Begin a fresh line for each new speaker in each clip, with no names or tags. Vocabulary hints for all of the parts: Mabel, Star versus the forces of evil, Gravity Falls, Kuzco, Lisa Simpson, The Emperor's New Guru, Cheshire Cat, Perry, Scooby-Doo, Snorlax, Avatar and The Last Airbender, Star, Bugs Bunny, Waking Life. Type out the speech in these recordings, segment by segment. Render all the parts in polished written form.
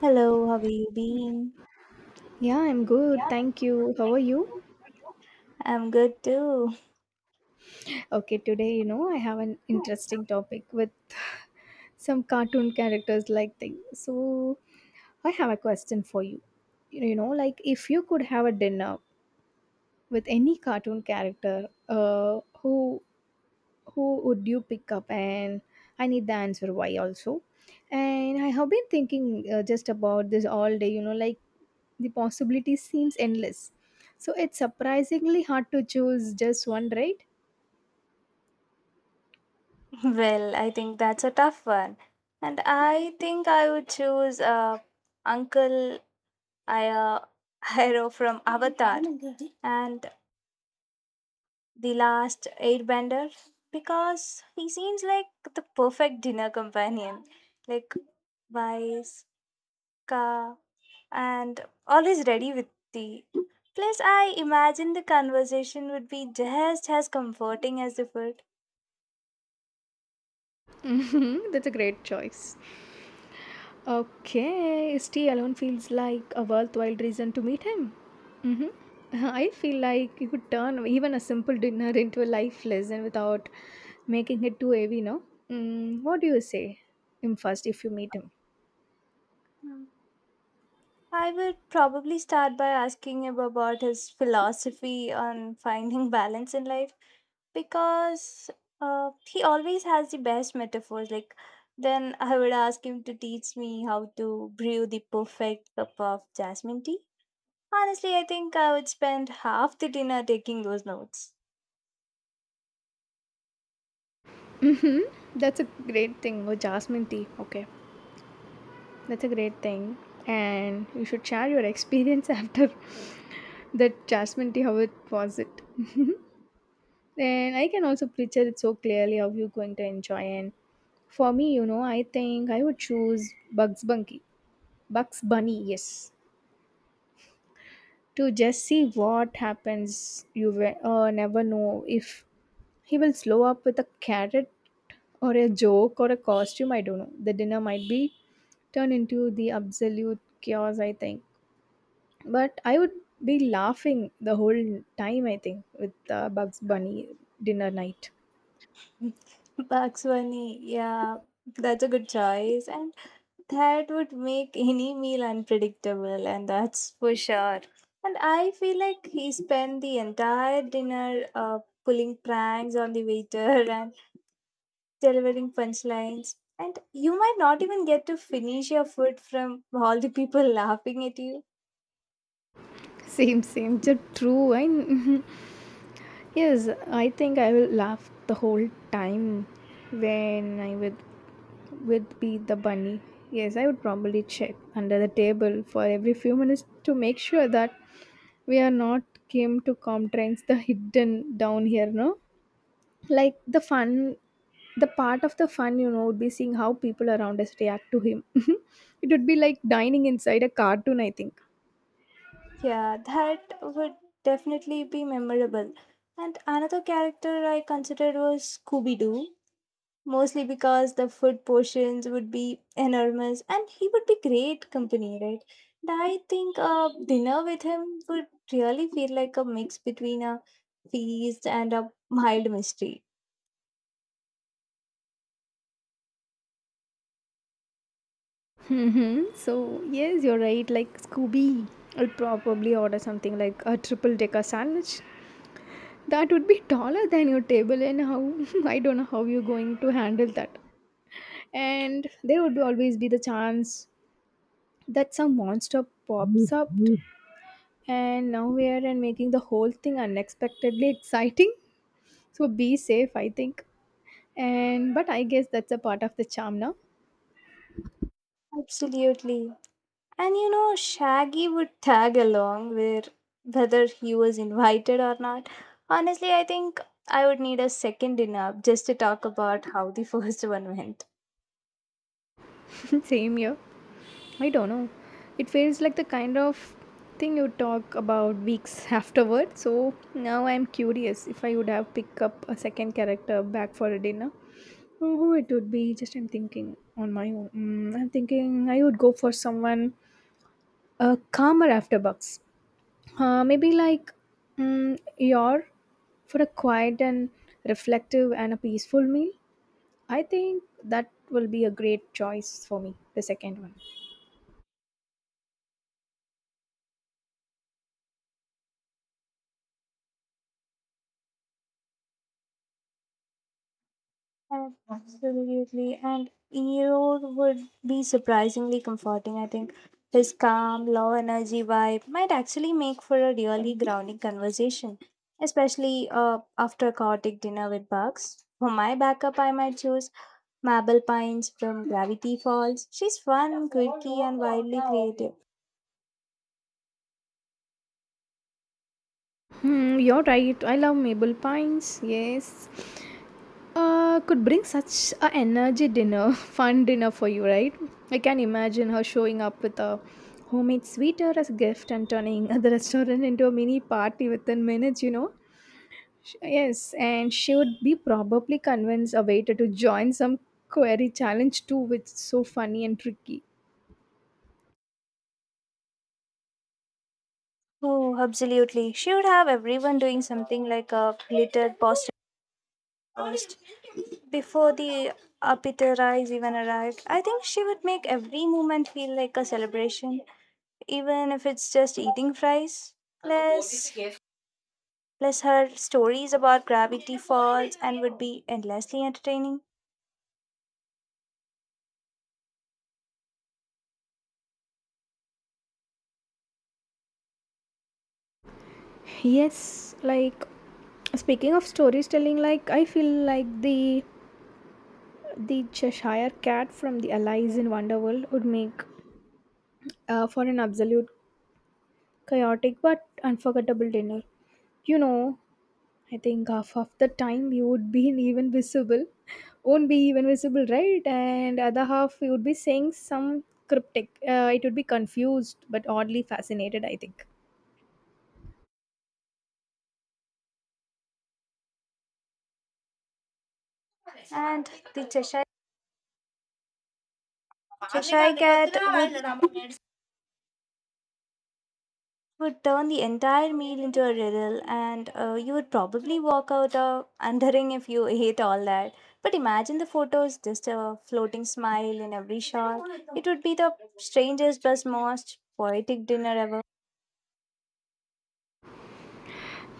Hello, how have you been?
Yeah, I'm good.
Yeah,
Thank you. How
thank
are you?
you. I'm good too.
Okay, today, I have an interesting topic with some cartoon characters like thing. So, I have a question for you. Like if you could have a dinner with any cartoon character, who would you pick up? And I need the answer why also. And I have been thinking just about this all day. Like the possibility seems endless. So it's surprisingly hard to choose just one, right?
Well, I think that's a tough one. And I think I would choose Uncle Aya Hiro from Avatar and The Last Airbender because he seems like the perfect dinner companion. Like wise, and always ready with tea. Plus, I imagine the conversation would be just as comforting as the food.
Mhm, that's a great choice. Okay, St. alone feels like a worthwhile reason to meet him. I feel like you could turn even a simple dinner into a life lesson without making it too heavy, no? What do you say him first if you meet him?
I would probably start by asking him about his philosophy on finding balance in life because he always has the best metaphors. Like, then I would ask him to teach me how to brew the perfect cup of jasmine tea. Honestly, I think I would spend half the dinner taking those notes.
That's a great thing. Oh, jasmine tea. Okay, that's a great thing. And you should share your experience after that jasmine tea, how it was it. Then I can also picture it so clearly how you're going to enjoy. And for me, I think I would choose Bugs Bunny. Bugs Bunny, yes. To just see what happens, you will never know if he will slow up with a carrot or a joke or a costume. I don't know. The dinner might be turned into the absolute chaos, I think. But I would be laughing the whole time, I think, with Bugs Bunny dinner night.
Bakshwani, yeah, that's a good choice. And that would make any meal unpredictable, and that's for sure. And I feel like he spent the entire dinner pulling pranks on the waiter and delivering punchlines. And you might not even get to finish your food from all the people laughing at you.
Same, same. Just true. I Yes, I think I will laugh the whole time when I would be the bunny. Yes, I would probably check under the table for every few minutes to make sure that we are not came to comprehend the hidden down here, no? Like the part of the fun, would be seeing how people around us react to him. It would be like dining inside a cartoon, I think.
Yeah, that would definitely be memorable. And another character I considered was Scooby Doo, mostly because the food portions would be enormous and he would be great company, right? And I think dinner with him would really feel like a mix between a feast and a mild mystery.
Mm-hmm. So, yes, you're right. Like Scooby, I'll probably order something like a triple decker sandwich. That would be taller than your table, and how I don't know how you're going to handle that. And there would always be the chance that some monster pops up, and now we are and making the whole thing unexpectedly exciting. So, be safe, I think. And but I guess that's a part of the charm now.
Absolutely. And you know, Shaggy would tag along where whether he was invited or not. Honestly, I think I would need a second dinner just to talk about how the first one went.
Same here. I don't know. It feels like the kind of thing you talk about weeks afterward. So now I'm curious if I would have picked up a second character back for a dinner. Oh, who it would be? Just I'm thinking on my own. I'm thinking I would go for someone calmer after Bucks. Maybe like your for a quiet and reflective and a peaceful meal. I think that will be a great choice for me. The second one.
Absolutely. And Eeyore would be surprisingly comforting, I think. His calm, low energy vibe might actually make for a really grounding conversation, especially after a chaotic dinner with Bugs. For my backup, I might choose Mabel Pines from Gravity Falls. She's fun, quirky, and wildly creative.
You're right. I love Maple Pines. Yes. Could bring such a energy dinner, fun dinner for you, right? I can imagine her showing up with a homemade sweeter as a gift and turning the restaurant into a mini party within minutes, you know? Yes, and she would be probably convince a waiter to join some query challenge too, which is so funny and tricky.
Oh, absolutely. She would have everyone doing something like a glittered poster before the appetizer even arrived. I think she would make every moment feel like a celebration, even if it's just eating fries. Plus, plus, her stories about gravity falls and would be endlessly entertaining.
Yes, like speaking of storytelling, like I feel like the Cheshire Cat from the Alice in Wonderworld would make for an absolute chaotic but unforgettable dinner. You know, I think half of the time you would be even visible, won't be even visible, right? And other half you would be saying some cryptic. It would be confused but oddly fascinated. I think.
And the Cheshire cat would would turn the entire meal into a riddle, and you would probably walk out wondering if you ate all that. But imagine the photos, just a floating smile in every shot. It would be the strangest but most poetic dinner ever.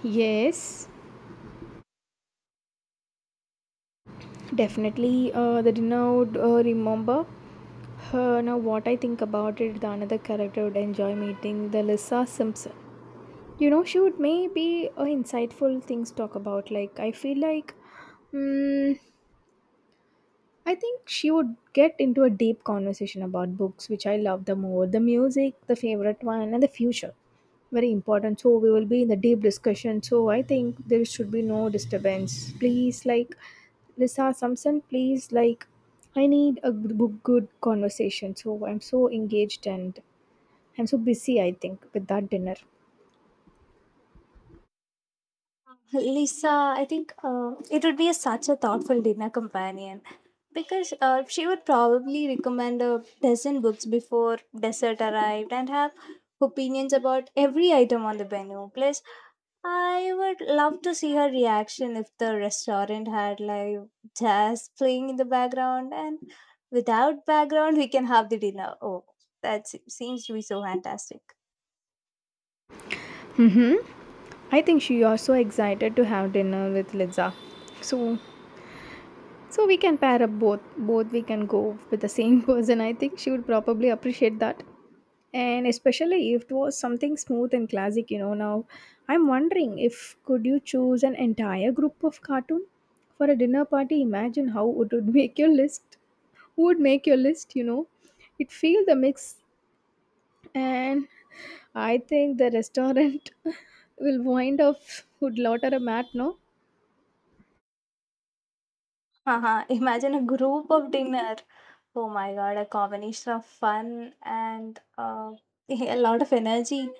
Yes, definitely. The dinner would remember. Now, what I think about it, the another character would enjoy meeting the Lisa Simpson. Shoot, maybe insightful things to talk about. Like I feel like mm, I think she would get into a deep conversation about books, which I love, the more, the music, the favorite one, and the future. Very important, so we will be in the deep discussion. So I think there should be no disturbance, please. Like Lisa Samson, please. Like I need a good good good conversation, so I'm so engaged and I'm so busy, I think, with that dinner.
Lisa, I think it would be such a thoughtful dinner companion because she would probably recommend a dozen books before dessert arrived and have opinions about every item on the menu. Plus, I would love to see her reaction if the restaurant had live jazz playing in the background, and without background, we can have the dinner. Oh, that seems to be so fantastic.
Mm-hmm. I think she also excited to have dinner with Liza. So so we can pair up both. Both we can go with the same person. I think she would probably appreciate that. And especially if it was something smooth and classic. Now I'm wondering if could you choose an entire group of cartoon for a dinner party? Imagine how it would make your list. Who would make your list, you know? It feel the mix and I think the restaurant will wind up with lot of a mat, no?
Haha, imagine a group of dinner. Oh my god, a combination of fun and a lot of energy.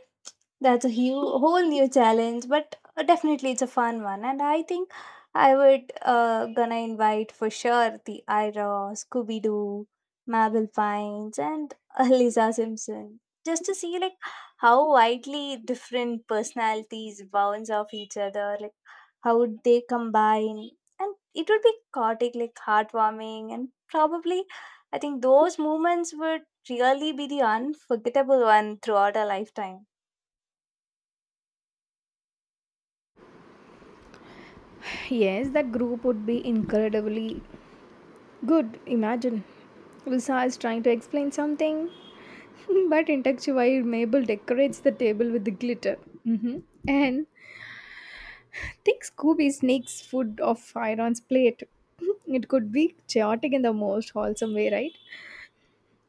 That's a whole new challenge, but definitely it's a fun one. And I think I would gonna invite for sure the Ira, Scooby Doo, Mabel Pines, and Lisa Simpson, just to see like how widely different personalities bounce off each other, like how would they combine, and it would be chaotic, like heartwarming, and probably I think those moments would really be the unforgettable one throughout a lifetime.
Yes, that group would be incredibly good. Imagine Lisa is trying to explain something, but in texture while Mabel decorates the table with the glitter. hmm And think Scooby sneaks food off Iron's plate. It could be chaotic in the most wholesome way, right?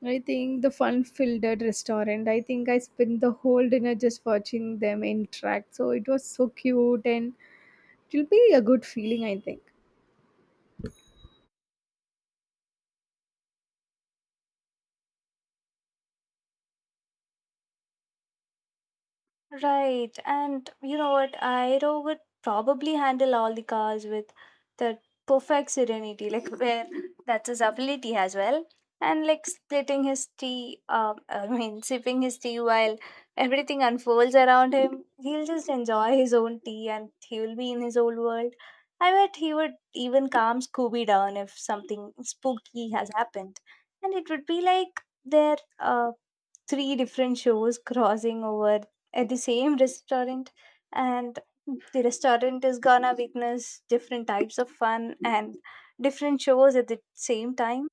I think the fun filled restaurant. I think I spent the whole dinner just watching them interact. So it was so cute and it'll be a good feeling, I think.
Right. And you know what? Aero would probably handle all the cars with that perfect serenity, like where that's his ability as well. And like splitting his tea, sipping his tea while everything unfolds around him, he'll just enjoy his own tea and he will be in his old world. I bet he would even calm Scooby down if something spooky has happened. And it would be like their three different shows crossing over at the same restaurant, and the restaurant is gonna witness different types of fun and different shows at the same time.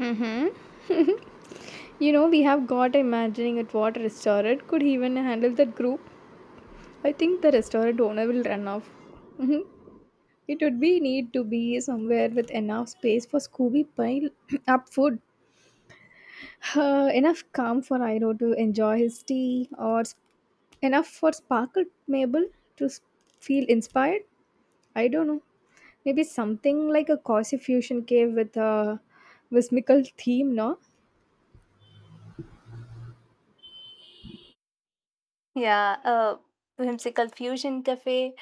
Mm-hmm. We have got imagining at what restaurant could even handle that group. I think the restaurant owner will run off. Mhm. It would be need to be somewhere with enough space for Scooby pile up food, enough calm for Iro to enjoy his tea, or enough for Sparkle Mabel to feel inspired. I don't know. Maybe something like a cozy fusion cave with a whimsical theme, no?
Yeah, whimsical fusion cafe.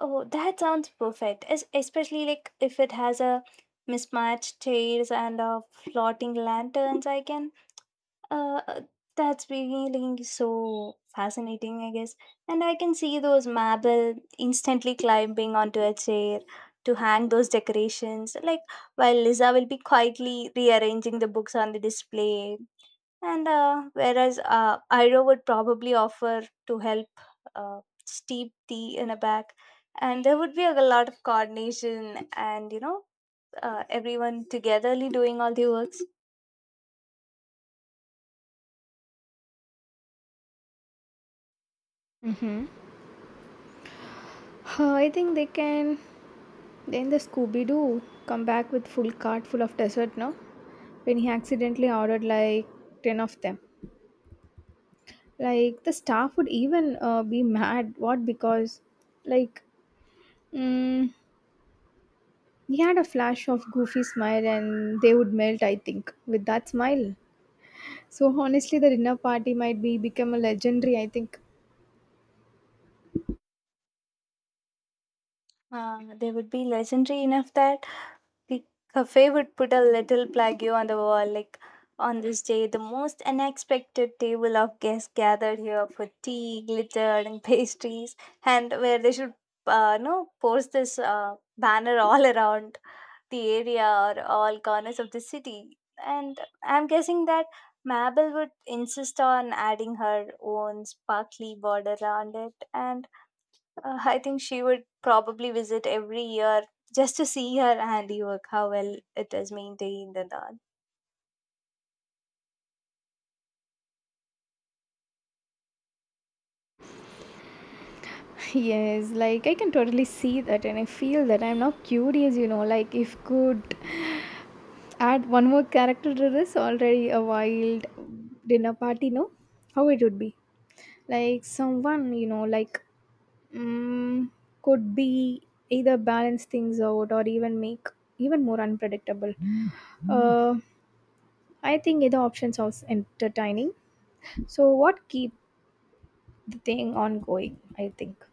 Oh, that sounds perfect, especially like if it has a mismatched chairs and floating lanterns, I can Uh, uh, that's really so fascinating, I guess. And I can see those marble instantly climbing onto a chair to hang those decorations, like while Liza will be quietly rearranging the books on the display. And whereas Iro would probably offer to help uh, steep tea in a bag, and there would be a lot of coordination, and you know, everyone togetherly doing all the works.
I think they can Then the Scooby Doo come back with full cart full of dessert no? When he accidentally ordered like 10 of them. Like the staff would even be mad. What? Because like mm, he had a flash of goofy smile and they would melt, I think, with that smile. So honestly, the dinner party might be become a legendary, I think.
They would be legendary enough that the cafe would put a little plaque on the wall, like, on this day, the most unexpected table of guests gathered here for tea, glitter, and pastries, and where they should, no, post this banner all around the area or all corners of the city. And I'm guessing that Mabel would insist on adding her own sparkly border around it, and I think she would probably visit every year just to see her handiwork, how well it is maintained and all.
Yes, like I can totally see that and I feel that I'm now curious, like if could Add one more character to this already a wild dinner party, no? How it would be? Like someone, like mm, could be either balance things out or even make even more unpredictable. Uh, I think either option sounds entertaining. So what keep the thing on going? I think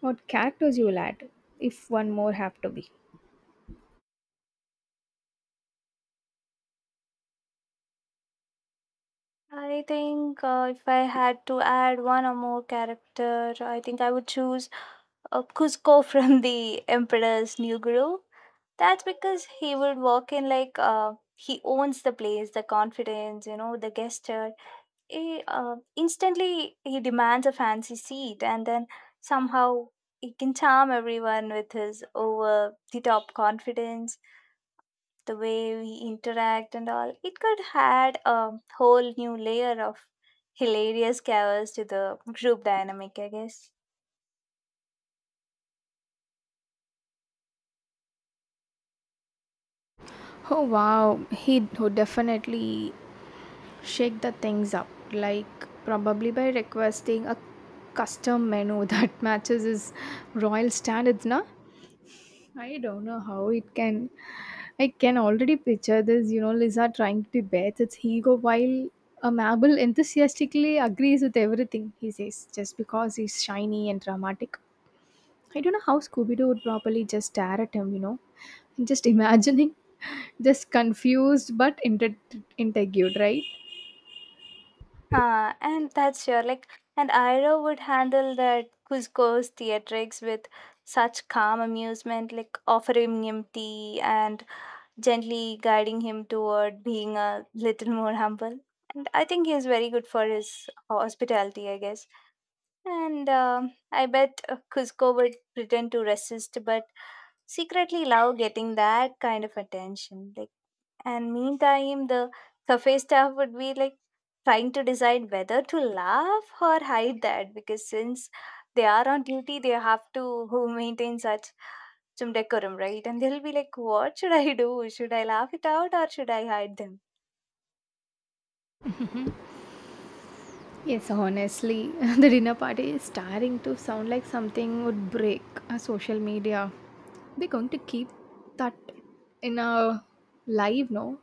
what characters you will add if one more have to be.
I think if I had to add one or more character, I think I would choose Cusco from the Emperor's New Guru. That's because he would walk in like he owns the place, the confidence, you know, the gesture. He instantly he demands a fancy seat, and then somehow he can charm everyone with his over the top confidence, the way we interact and all. It could add a whole new layer of hilarious chaos to the group dynamic, I guess.
Oh wow, he would definitely shake the things up like probably by requesting a custom menu that matches his royal standards na I don't know how it can I can already picture this lisa trying to debate its ego while a mabel enthusiastically agrees with everything he says just because he's shiny and dramatic I don't know how scooby-doo would properly just stare at him, and just imagining just confused but intrigued right.
Ah, and that's sure, like and Ira would handle that Cusco's theatrics with such calm amusement, like offering him tea and gently guiding him toward being a little more humble. And I think he is very good for his hospitality, I guess. And I bet Cusco would pretend to resist, but secretly love getting that kind of attention. Like, and meantime, the cafe staff would be like trying to decide whether to laugh or hide that because since they are on duty, they have to who maintain such some decorum, right? And they'll be like, what should I do? Should I laugh it out or should I hide them?
Yes, honestly, the dinner party is starting to sound like something would break our social media. We're going to keep that in our live, no?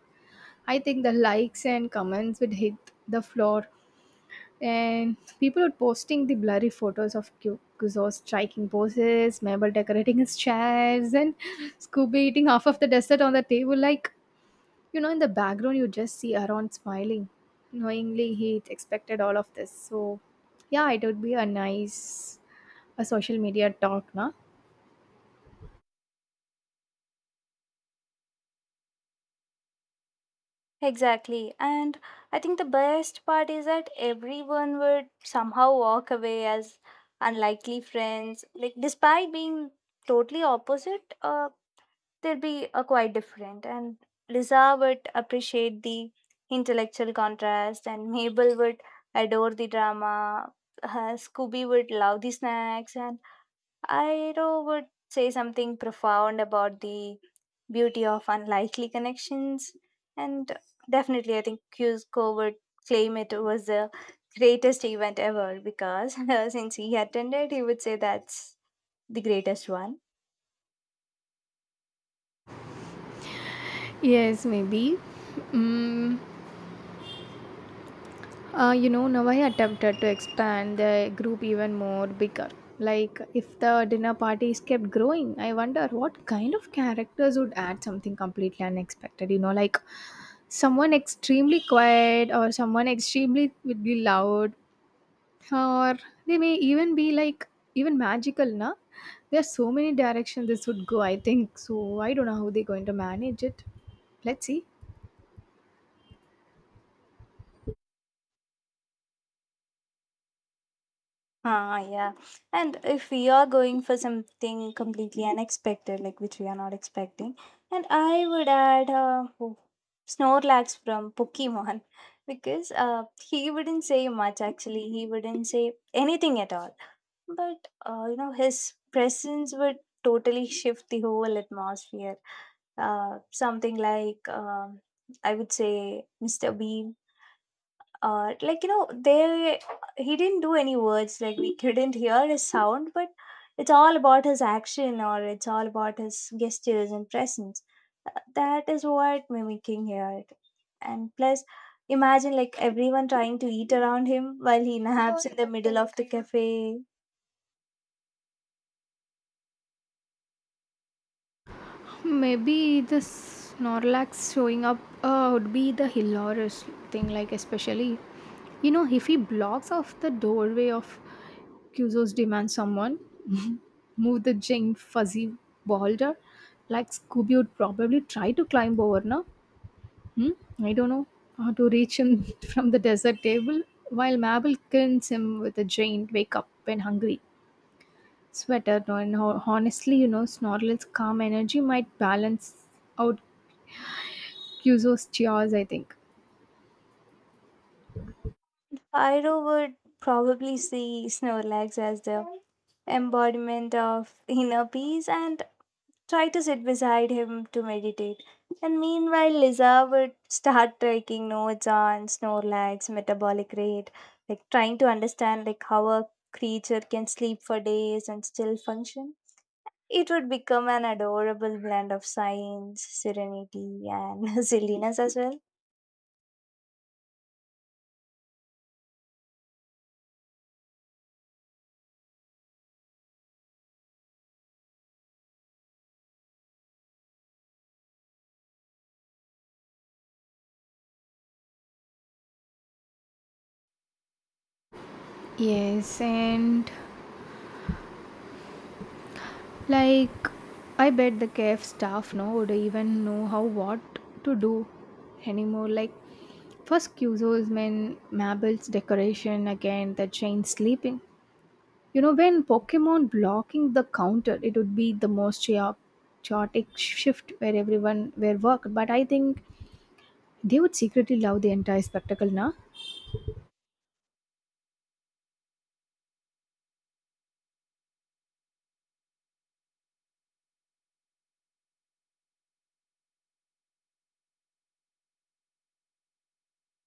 I think the likes and comments would hit the floor, and people are posting the blurry photos of Kuzo's striking poses, Mabel decorating his chairs, and Scooby eating half of the dessert on the table. Like, in the background, you just see Aaron smiling. Knowingly, he expected all of this. So, yeah, it would be a nice a social media talk, na?
Exactly. And I think the best part is that everyone would somehow walk away as unlikely friends, like despite being totally opposite, they'll be quite different. And Liza would appreciate the intellectual contrast, and Mabel would adore the drama. Scooby would love the snacks, and Iro would say something profound about the beauty of unlikely connections. And definitely, I think Cusco would claim it was the greatest event ever, because since he attended, he would say that's the greatest one.
Yes, maybe. Mm, Now I attempted to expand the group even more bigger. Like, if the dinner parties kept growing, I wonder what kind of characters would add something completely unexpected. Like someone extremely quiet or someone extremely would be loud or they may even be like even magical na. There are so many directions this would go I think so I don't know how they're going to manage it. Let's see.
Ah, yeah. And if we are going for something completely unexpected, like which we are not expecting, and I would add oh, Snorlax from Pokemon because he wouldn't say much, actually, he wouldn't say anything at all. But you know, his presence would totally shift the whole atmosphere. Something like I would say Mr. Bean. Like you know, they he didn't do any words, like we couldn't hear his sound, but it's all about his action, or it's all about his gestures and presence. That is what mimicking here, and plus imagine like everyone trying to eat around him while he naps in the middle of the cafe.
Maybe the snorlax showing up would be the hilarious thing like especially if he blocks off the doorway of Kyuzo's demand someone move the giant fuzzy boulder like scooby would probably try to climb over now. Hmm? I don't know how to reach him from the desert table while Mabel grins him with a giant wake up when hungry. Sweater, no, and honestly, Snorla's calm energy might balance out Kyuzo's cheers, I think.
Pyro would probably see Snorlax as the embodiment of inner peace and try to sit beside him to meditate. And meanwhile, Liza would start taking notes on Snorlax's metabolic rate, like trying to understand like how a creature can sleep for days and still function. It would become an adorable blend of science, serenity, and silliness as well.
Yes, and like, I bet the KF staff no would even know how what to do anymore. Like, first Kyuzo's men, Mabel's decoration again, the chain sleeping. When Pokemon blocking the counter, it would be the most chaotic shift where everyone were worked. But I think they would secretly love the entire spectacle now.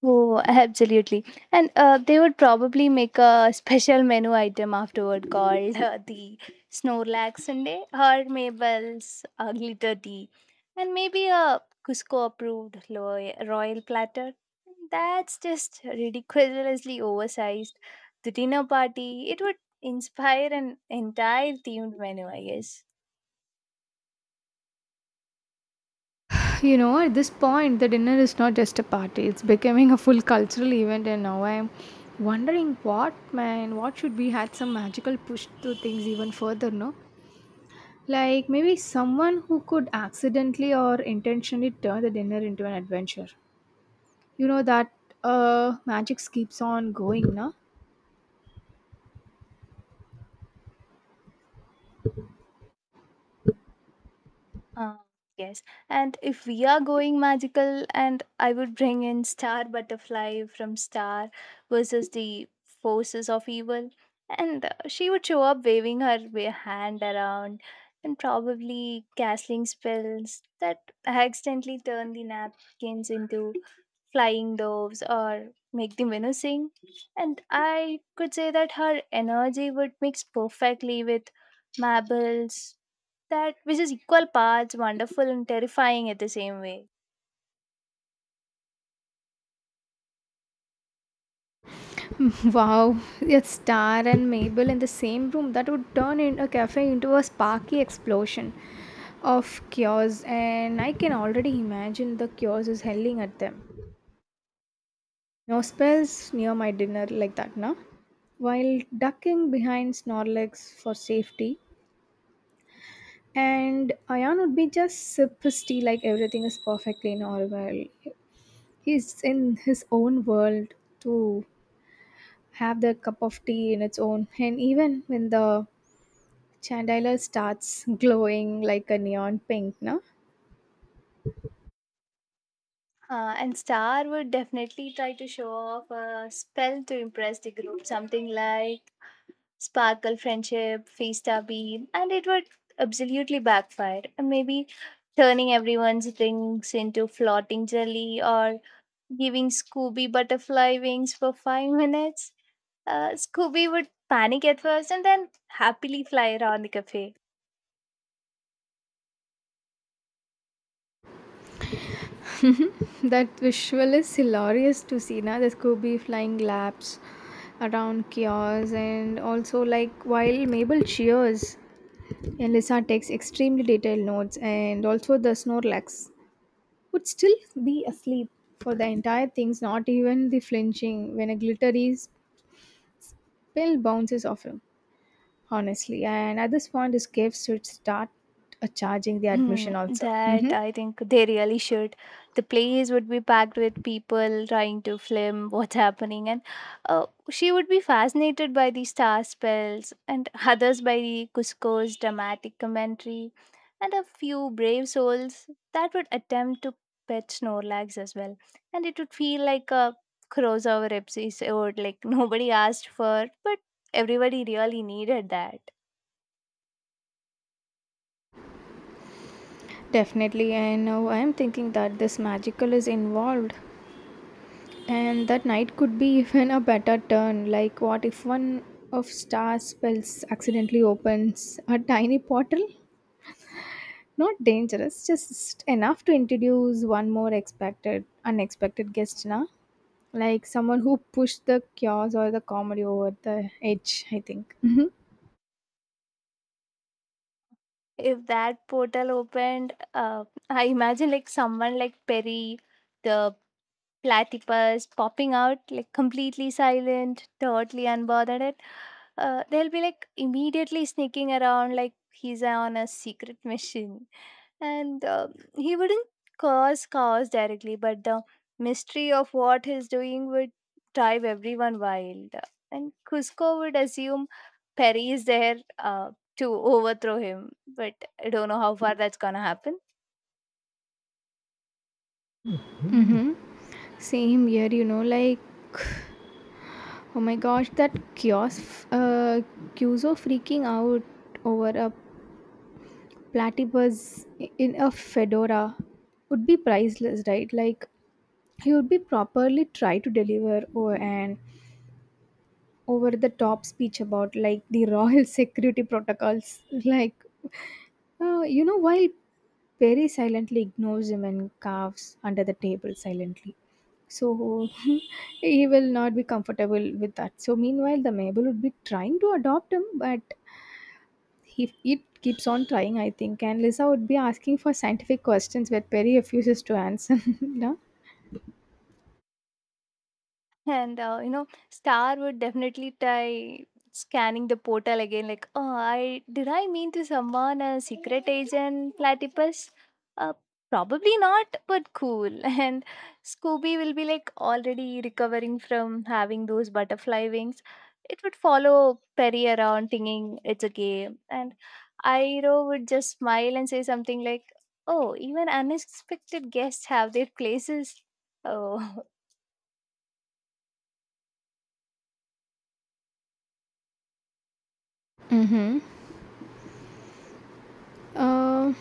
Oh, absolutely. And they would probably make a special menu item afterward called the Snorlax Sunday or Mabel's Glitter Tea. And maybe a Cusco approved royal platter. That's just ridiculously oversized. The dinner party, it would inspire an entire themed menu, I guess.
You know, at this point, the dinner is not just a party, it's becoming a full cultural event. And now I'm wondering what, man, what should we had some magical push to things even further, no? Like maybe someone who could accidentally or intentionally turn the dinner into an adventure. You know, that magic keeps on going, na?
Uh, yes. And if we are going magical, and I would bring in Star Butterfly from Star versus the forces of evil, and she would show up waving her hand around and probably casting spells that accidentally turn the napkins into flying doves or make the minnow sing. And I could say that her energy would mix perfectly with marbles, that which is equal parts wonderful and terrifying at the same way.
Wow, a Star and Mabel in the same room that would turn in a cafe into a sparky explosion of chaos, and I can already imagine the chaos is howling at them. No spells near my dinner like that, no? While ducking behind Snorlax for safety, and Ayan would be just sip his tea like everything is perfectly normal. He's in his own world to have the cup of tea in its own, and even when the chandelier starts glowing like a neon pink, no?
And Star would definitely try to show off a spell to impress the group, something like sparkle friendship, fiesta beam, and it would absolutely backfire. And maybe turning everyone's rings into floating jelly or giving Scooby butterfly wings for 5 minutes. Scooby would panic at first and then happily fly around the cafe.
That visual is hilarious to see, na? The Scooby flying laps around kiosks and also like while Mabel cheers and Lisa takes extremely detailed notes and also the Snorlax would still be asleep for the entire things, not even the flinching when a glittery spell bounces off him, honestly. And at this point, his gifts should start charging the
Hmm,
admission also.
that I think they really should. The place would be packed with people trying to film what's happening, and she would be fascinated by the star spells, and others by the Cusco's dramatic commentary, and a few brave souls that would attempt to pet Snorlax as well. And it would feel like a crossover episode, like nobody asked for, but everybody really needed that.
Definitely, and now I am thinking that this magical is involved, and that night could be even a better turn. Like, what if one of Star's spells accidentally opens a tiny portal? Not dangerous, just enough to introduce one more expected, unexpected guest, na? Like someone who pushed the chaos or the comedy over the edge, I think. Mm-hmm.
If that portal opened, I imagine like someone like Perry the platypus popping out, like completely silent, totally unbothered at, they'll be like immediately sneaking around like he's on a secret mission. And he wouldn't cause chaos directly, but the mystery of what he's doing would drive everyone wild. And Cusco would assume Perry is there to overthrow him, but I don't know how far that's gonna happen.
Mm-hmm. Same here, you know, like oh my gosh, that kiosk, Kyuzo freaking out over a platypus in a fedora would be priceless, right? Like, he would be properly try to deliver or an over the top speech about like the royal security protocols. Like, you know, while Perry silently ignores him and carves under the table silently. So he will not be comfortable with that. So meanwhile, the Mabel would be trying to adopt him, but he it keeps on trying, I think. And Lisa would be asking for scientific questions where Perry refuses to answer. No?
And you know, Star would definitely try scanning the portal again, like, oh, I did I mean to summon a secret agent platypus? Uh, Probably not, but cool. And Scooby will be like already recovering from having those butterfly wings. It would follow Perry around thinking it's a game. And Airo would just smile and say something like, oh, even unexpected guests have their places. Oh,
uh,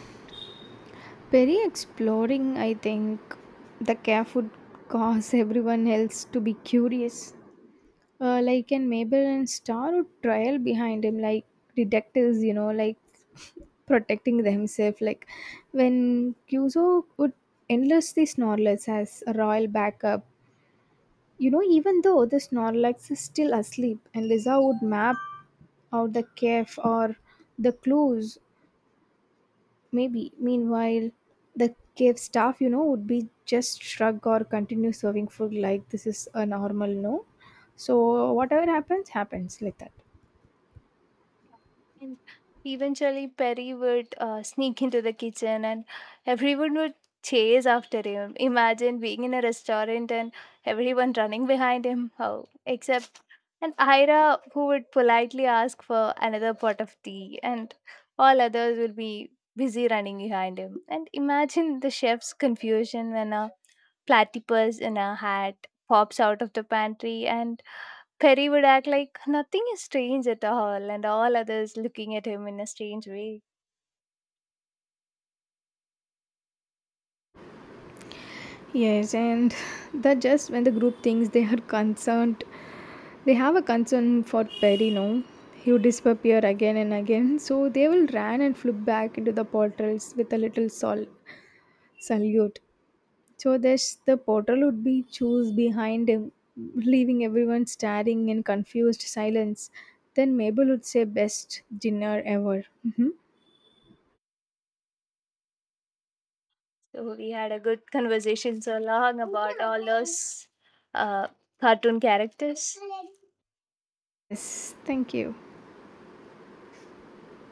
Perry exploring, I think, the care would cause everyone else to be curious. Like an Maybelline star would trail behind him like detectives, you know, like protecting themselves. Like when Kyuzo would endlessly Snorlax as a royal backup, you know, even though the Snorlax is still asleep, and Liza would map out the cave or the clues, maybe. Meanwhile, the cave staff, you know, would be just shrug or continue serving food like this is a normal, no? So whatever happens, happens like that.
and eventually, Perry would sneak into the kitchen and everyone would chase after him. Imagine being in a restaurant and everyone running behind him. Oh, except and Ira, who would politely ask for another pot of tea, and all others will be busy running behind him. And imagine the chef's confusion when a platypus in a hat pops out of the pantry, and Perry would act like nothing is strange at all, and all others looking at him in a strange way.
Yes, and that just when the group thinks they are concerned, they have a concern for Perry. No, he would disappear again and again, so they will run and flip back into the portals with a little salute. So this the portal would be choose behind him, leaving everyone staring in confused silence. Then Mabel would say, "Best dinner ever." Mhm.
So we had a good conversation so long about all those uh, cartoon characters.
Yes, thank you.